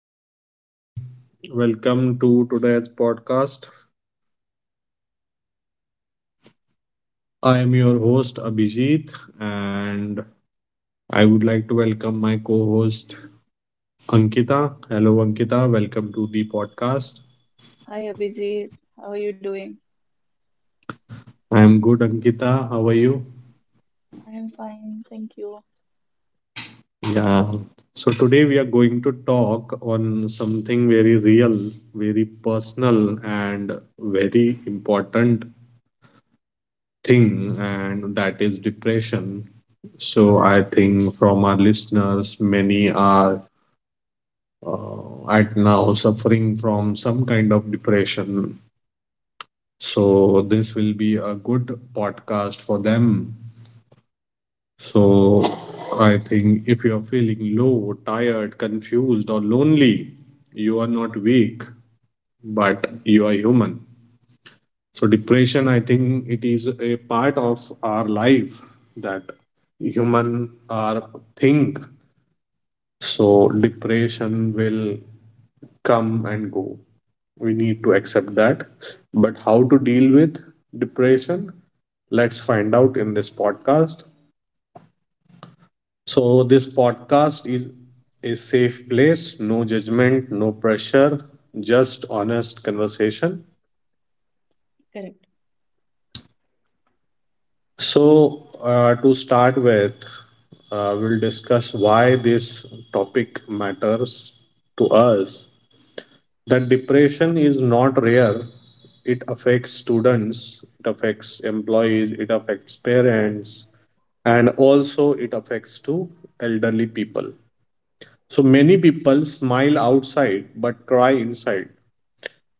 Hello, everyone. Welcome to today's podcast. I am your host, Abhijit, and I would like to welcome my co host, Ankita. Hello, Ankita. Welcome to the podcast. Hi, Abhijit. How are you doing? I am good, Ankita. How are you? I am fine, thank you. Yeah. So, today we are going to talk on something very real, very personal, and very important thing, and that is depression. So, I think from our listeners, many are at now suffering from some kind of depression. So, this will be a good podcast for them. So, I think if you are feeling low, tired, confused, or lonely, you are not weak, but you are human. So, depression, I think it is a part of our life that human are think. So depression will come and go. We need to accept that. But how to deal with depression? Let's find out in this podcast. So this podcast is a safe place, no judgment, no pressure, just honest conversation. Correct, So to start with, we'll discuss why this topic matters to us, that depression is not rare. It affects students, it affects employees, it affects parents, and also it affects to elderly people. So many people smile outside but cry inside.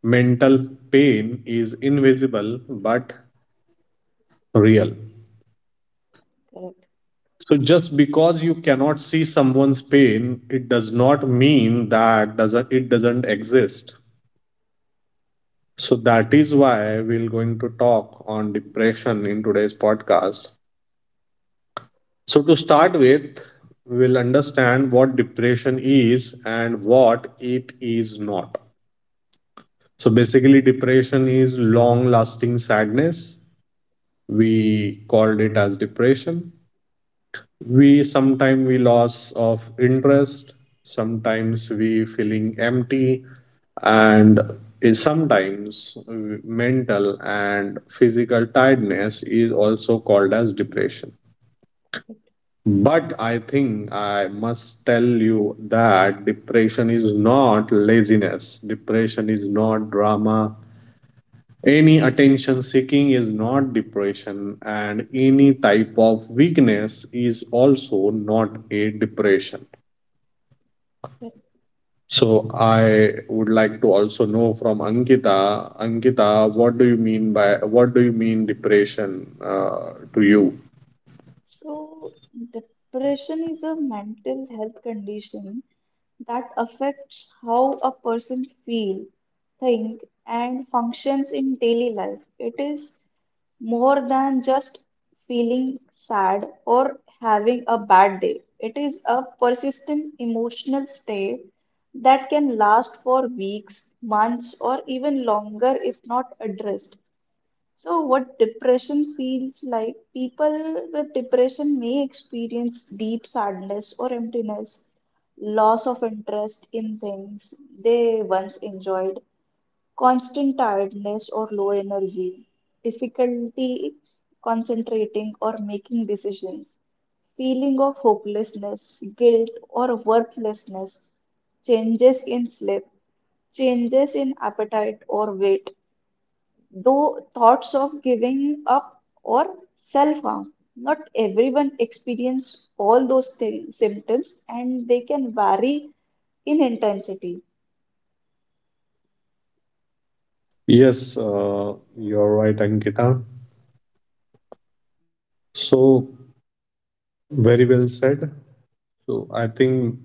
Mental pain is invisible but real. correct. So just because you cannot see someone's pain, it does not mean that doesn't it doesn't exist. So that is why we're going to talk on depression in today's podcast. So to start with, we'll understand what depression is and what it is not. So basically depression is long lasting sadness. We called it as depression. We sometimes we loss of interest, sometimes we feeling empty, and sometimes mental and physical tiredness is also called as depression. But I think I must tell you that depression is not laziness, depression is not drama. Any attention seeking is not depression, and any type of weakness is also not a depression. Correct. So, I would like to also know from Ankita. Ankita, what do you mean by what do you mean depression to you? So, depression is a mental health condition that affects how a person feel, think, and functions in daily life. It is more than just feeling sad or having a bad day. It is a persistent emotional state that can last for weeks, months, or even longer if not addressed. So, what depression feels like: people with depression may experience deep sadness or emptiness, loss of interest in things they once enjoyed, constant tiredness or low energy, difficulty concentrating or making decisions, feeling of hopelessness, guilt, or worthlessness, changes in sleep, changes in appetite or weight, though thoughts of giving up or self harm. Not everyone experiences all those symptoms and they can vary in intensity. Yes, you're right, Ankita. So, very well said. So, I think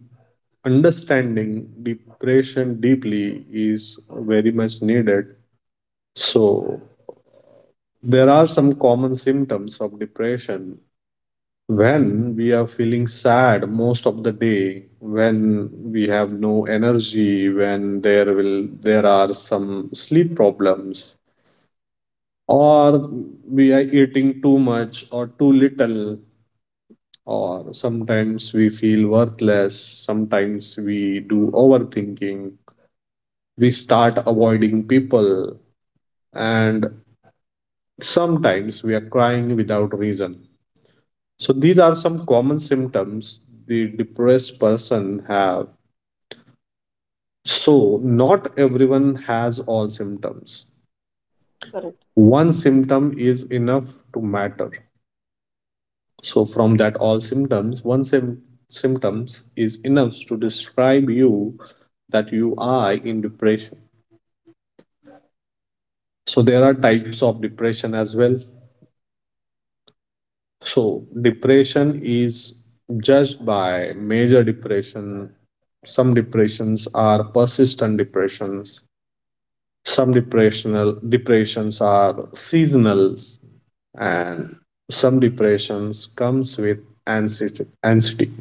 understanding depression deeply is very much needed. So, there are some common symptoms of depression. When we are feeling sad most of the day, when we have no energy, when there are some sleep problems, or we are eating too much or too little, or sometimes we feel worthless, sometimes we do overthinking, we start avoiding people, and sometimes we are crying without reason. So these are some common symptoms the depressed person have. So not everyone has all symptoms. Correct. One symptom is enough to matter. So from that all symptoms, symptoms is enough to describe you that you are in depression. So there are types of depression as well. So depression is judged by major depression. Some depressions are persistent depressions, some depressional depressions are seasonal, and some depressions comes with anxiety.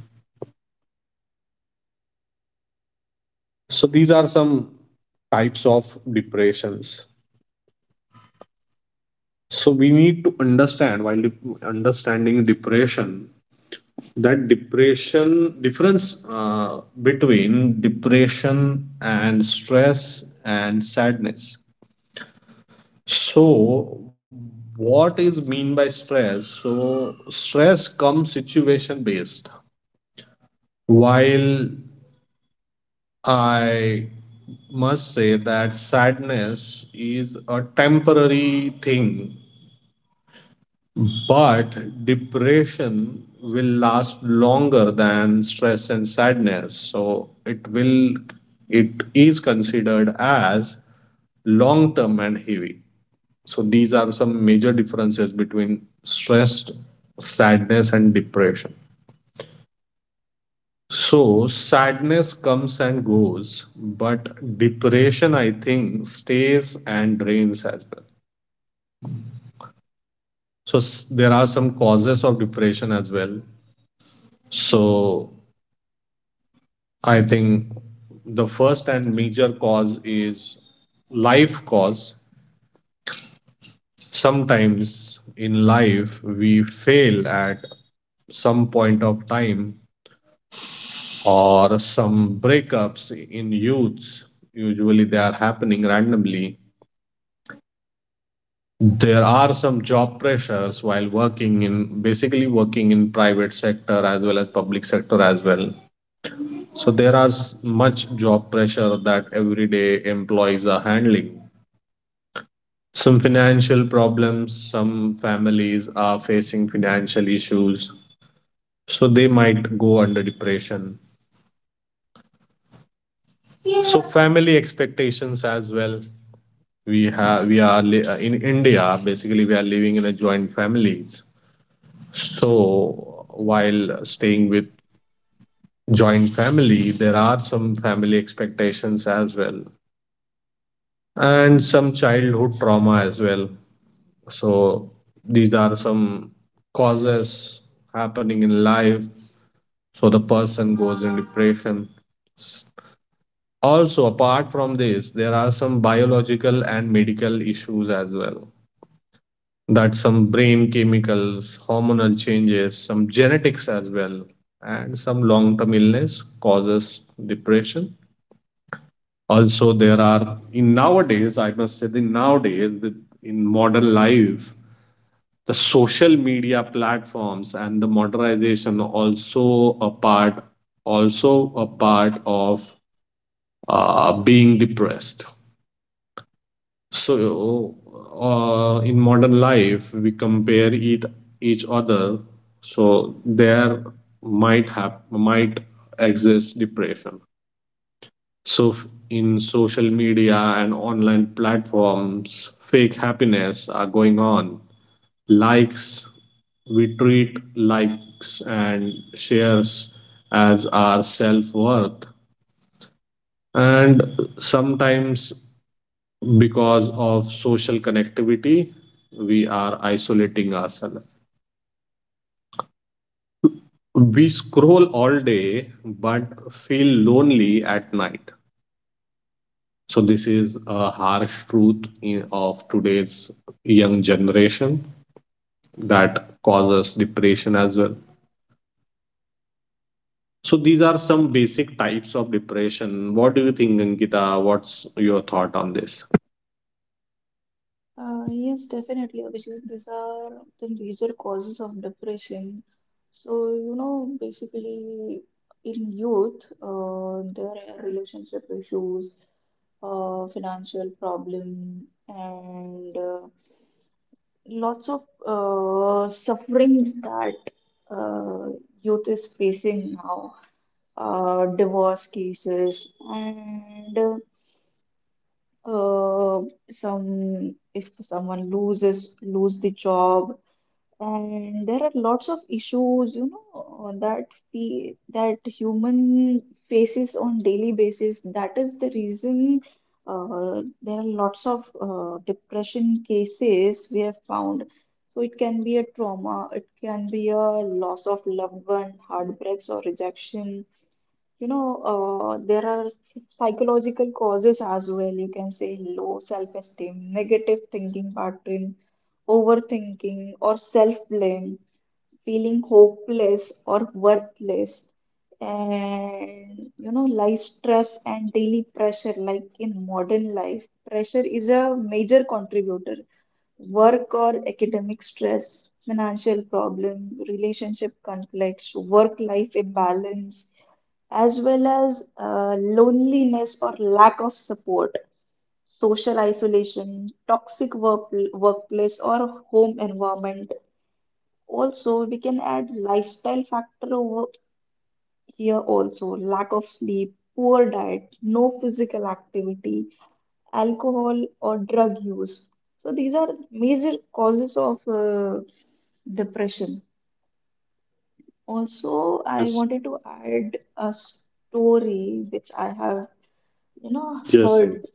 So these are some types of depressions. So we need to understand while understanding depression that depression difference between depression and stress and sadness. So, what is mean by stress? So, stress comes situation based. While I must say that sadness is a temporary thing. But depression will last longer than stress and sadness. So it is considered as long term and heavy. So these are some major differences between stress, sadness, and depression. So sadness comes and goes, but depression, I think, stays and drains as well. So there are some causes of depression as well. So I think the first and major cause is life cause. Sometimes in life we fail at some point of time, or some breakups in youths. Usually they are happening randomly. There are some job pressures while working in basically working in private sector as well as public sector as well. So there are much job pressure that everyday employees are handling. Some financial problems, some families are facing financial issues, so they might go under depression. So family expectations as well. We are in India. Basically, we are living in a joint families. So while staying with joint family, there are some family expectations as well, and some childhood trauma as well. So these are some causes happening in life, so the person goes in depression. Also, apart from this, there are some biological and medical issues as well, that some brain chemicals, hormonal changes, some genetics as well, and some long term illness causes depression. Also, there are in nowadays, I must say, the nowadays in modern life, the social media platforms and the modernization also a part, also a part of being depressed. So, in modern life, we compare it each other. So there might exist depression. So in social media and online platforms, fake happiness are going on. Likes We treat likes and shares as our self worth, and sometimes because of social connectivity we are isolating ourselves. We scroll all day but feel lonely at night. So this is a harsh truth in, of today's young generation that causes depression as well. So these are some basic types of depression. What do you think, Ankita? What's your thought on this? Yes, definitely, Abhishek. These are the major causes of depression. So, you know, basically in youth, there are relationship issues, financial problem, and lots of sufferings that uh, youth is facing now, divorce cases, and uh, some if someone lose the job, and there are lots of issues, you know, that we that human faces on daily basis. That is the reason there are lots of depression cases we have found. So it can be a trauma, it can be a loss of loved one, heartbreaks or rejection. You know, there are psychological causes as well. You can say low self-esteem, negative thinking pattern, overthinking, or self-blame, feeling hopeless or worthless, and you know, life stress and daily pressure. Like in modern life, pressure is a major contributor. Work or academic stress, financial problem, relationship conflicts, work-life imbalance, as well as loneliness or lack of support, social isolation, toxic work, workplace, or home environment. Also, we can add lifestyle factor over here: also lack of sleep, poor diet, no physical activity, alcohol or drug use. So, these are major causes of depression. Also, I Yes, wanted to add a story which I have, you know, yes, heard. Ankit.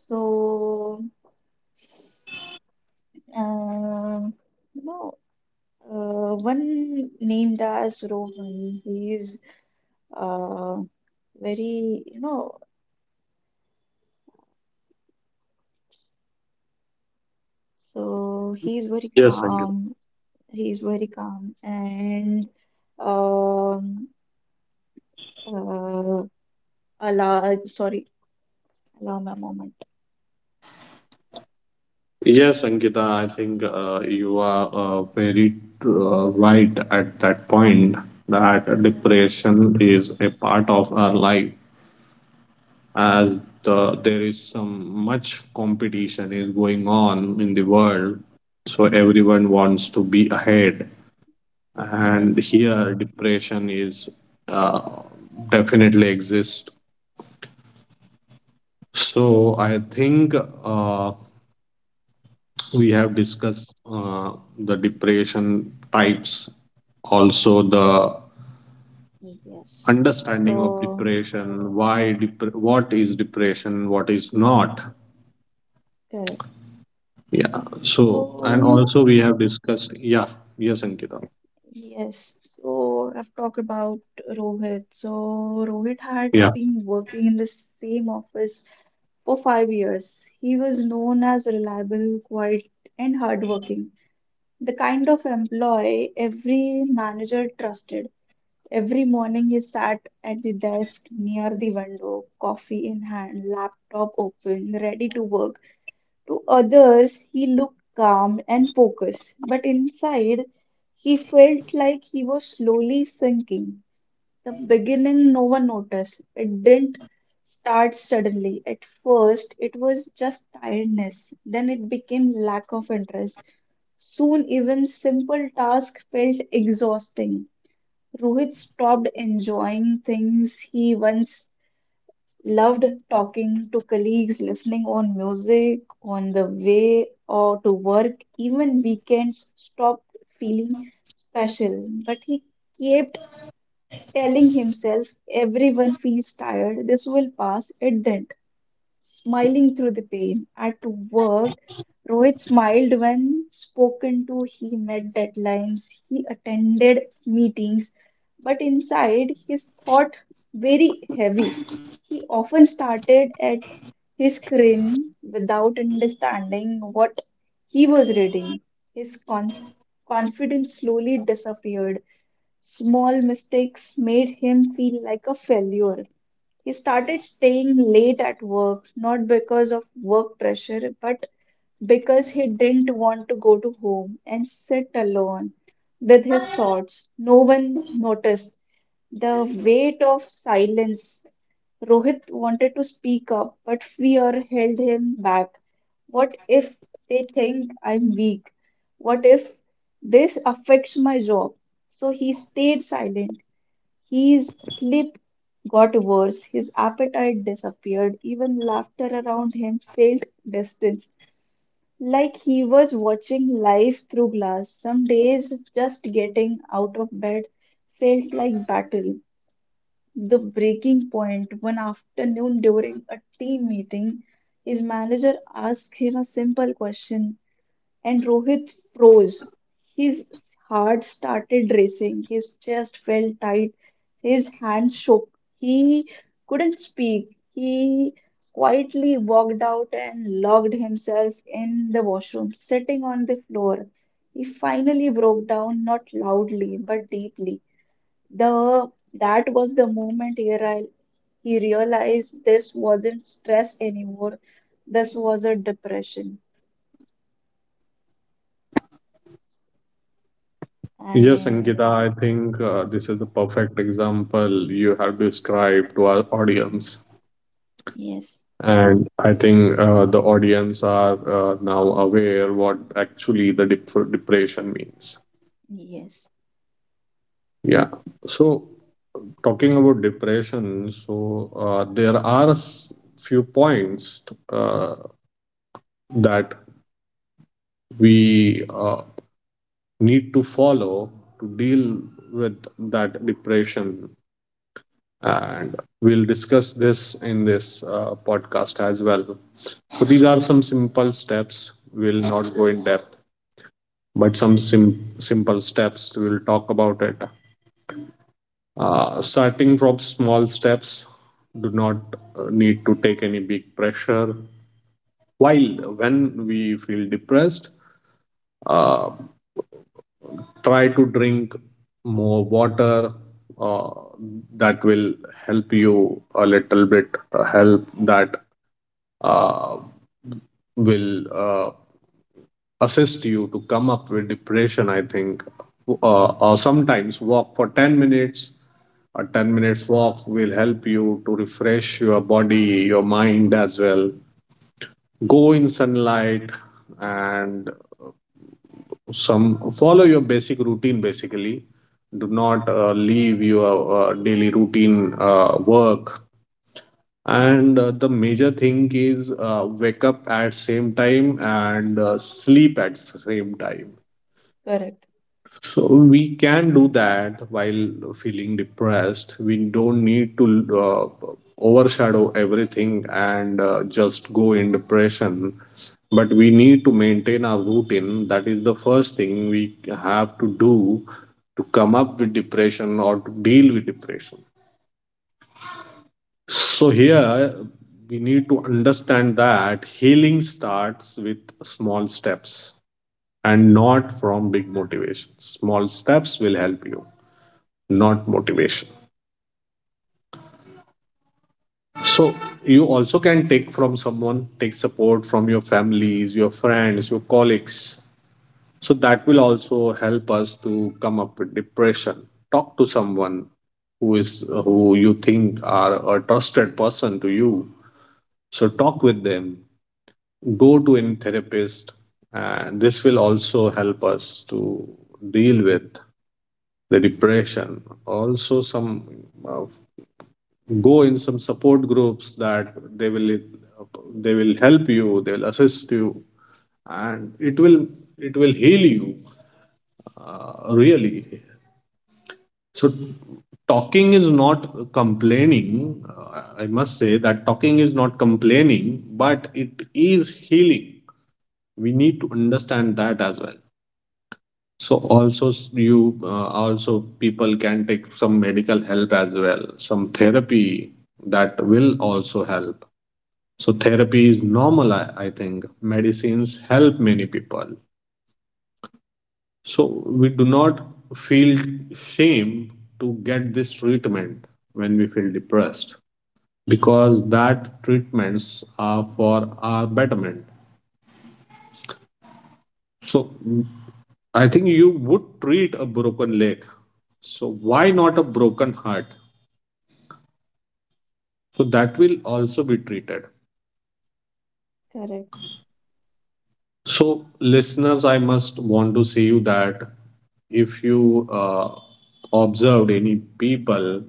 So, um, no, One named as Rohan. He's uh, very, you know, so he's very Yes, Ankit. calm. He's very calm and um, uh, allow, sorry, allow me a moment. Yes, Ankita, I think you are very right at that point that Yeah, depression is a part of our life. As there is some much competition is going on in the correct. world. So everyone wants to be ahead. And Right. here depression is uh, definitely exist. So I think uh, we have discussed the depression types, also the Yes. understanding of So, depression, why what is depression, what is not. correct. Yeah, so, So, and you also we know. have discussed, yeah, yes, Ankita. Yes, so I've talked about Rohit. So Rohit had Yeah, been working in the same office for 5 years. He was known as reliable, quiet, and hardworking, the kind of employee every manager trusted. Every morning he sat at the desk near the window, coffee in hand, laptop open, ready to work. To others, he looked calm and focused, but inside, he felt like he was slowly sinking. The beginning, no one noticed. It didn't start suddenly. At first, it was just tiredness. Then it became lack of interest. Soon, even simple tasks felt exhausting. Rohit stopped enjoying things he once loved: talking to colleagues, listening on music on the way or to work. Even weekends stopped feeling special. But he kept telling himself, everyone feels tired. This will pass. It didn't. Smiling through the pain. At work, Rohit smiled when spoken to, he met deadlines, he attended meetings, but inside his thought very heavy. He often started at his screen without understanding what he was reading. His conf- confidence slowly disappeared. Small mistakes made him feel like a failure. He started staying late at work, not because of work pressure, but because he didn't want to go to home and sit alone with his thoughts. No one noticed the weight of silence. Rohit wanted to speak up, but fear held him back. What if they think I'm weak? What if this affects my job? So he stayed silent. His sleep got worse, his appetite disappeared, even laughter around him felt distant, like he was watching life through glass. Some days, just getting out of bed felt like battle. The breaking point: one afternoon during a team meeting, his manager asked him a simple question and Rohit froze. His heart started racing. His chest felt tight. His hands shook. He couldn't speak. He quietly walked out and locked himself in the washroom, sitting on the floor. He finally broke down, not loudly, but deeply. The that was the moment he realized this wasn't stress anymore. This was a depression. yes, Ankita, I And think yes. this is the perfect example you have described to our audience, Yes, and I think the audience are now aware what actually the depression means. yes, Yeah. So talking about depression, so there are few points uh, that we need to follow to deal with that depression, and we'll discuss this in this podcast as well. So these are some simple steps. We'll not go in depth, but simple steps, we'll talk about it. Starting from small steps, do not need to take any big pressure. While when we feel depressed, uh, try to drink more water. Uh, that will help you a little bit. Help that uh, will assist you to come up with depression. I think or sometimes walk for 10 minutes. A 10 minutes walk will help you to refresh your body, your mind as well. Go in sunlight, and some, follow your basic routine. Basically, do not leave your daily routine work, and the major thing is, wake up at same time, and sleep at same time. correct, So we can do that while feeling depressed. We don't need to uh, overshadow everything and just go in depression. But we need to maintain our routine. That is the first thing we have to do to come up with depression or to deal with depression. So here we need to understand that healing starts with small steps and not from big motivations. Small steps will help you, not motivation. So you also can take from someone, take support from your families, your friends, your colleagues. So that will also help us to come up with depression. Talk to someone who is, who you think are a trusted person to you. So talk with them. Go to any therapist, and this will also help us to deal with the depression. Also, some, uh, go in some support groups, that they will they will help you, they will assist you, and it will heal you really. So talking is not complaining. I must say that talking is not complaining, but it is healing. We need to understand that as well. So also, you also people can take some medical help as well, some therapy, that will also help. So therapy is normal, I think. Medicines help many people. So we do not feel shame to get this treatment when we feel depressed, because that treatments are for our betterment. So I think you would treat a broken leg, so why not a broken heart? So that will also be treated. correct, So, listeners, I must want to say you that if you observed any people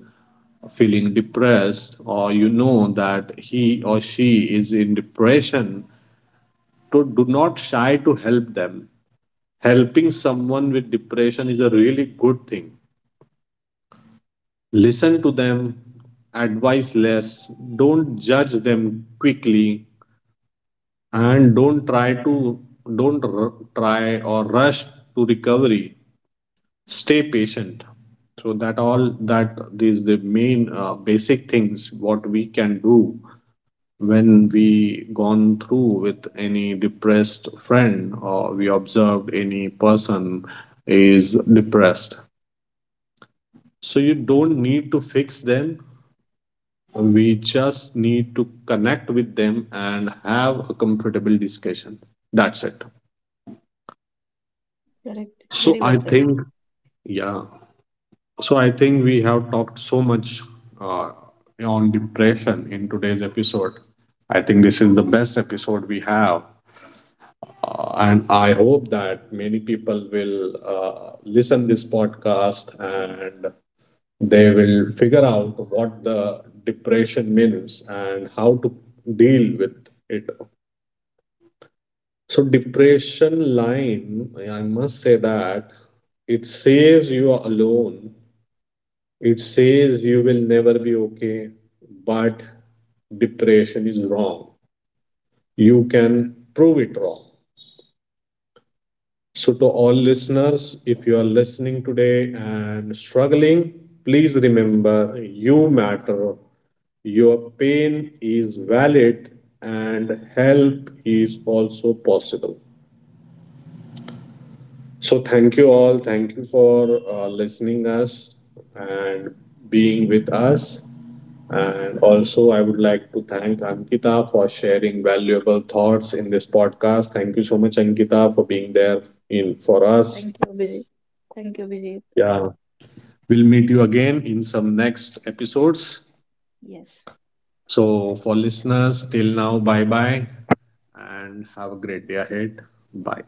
feeling depressed, or you know that he or she is in depression, to do not shy to help them. Helping someone with depression is a really good thing. Listen to them, advise less, don't judge them quickly, and don't try or rush to recovery. Stay patient. So that all, that these the main basic things what we can do when we gone through with any depressed friend or we observed any person is depressed. So you don't need to fix them. We just need to connect with them and have a comfortable discussion. That's it. correct. Very So well I said. think, yeah, so I think we have talked so much uh, on depression in today's episode. I think this is the best episode we have, and I hope that many people will listen this podcast and they will figure out what the depression means and how to deal with it. So depression line, I must say that it says you are alone, it says you will never be okay, but depression is wrong. You can prove it wrong. So, to all listeners, if you are listening today and struggling, please remember you matter, your pain is valid, and help is also possible. So thank you all. Thank you for listening us and being with us. And also, I would like to thank Ankita for sharing valuable thoughts in this podcast. Thank you so much, Ankita, for being there in for us. Thank you, Abhijit. Thank you, Abhijit. Yeah, we'll meet you again in some next episodes. Yes. So, for listeners, till now, bye bye, and have a great day ahead. Bye.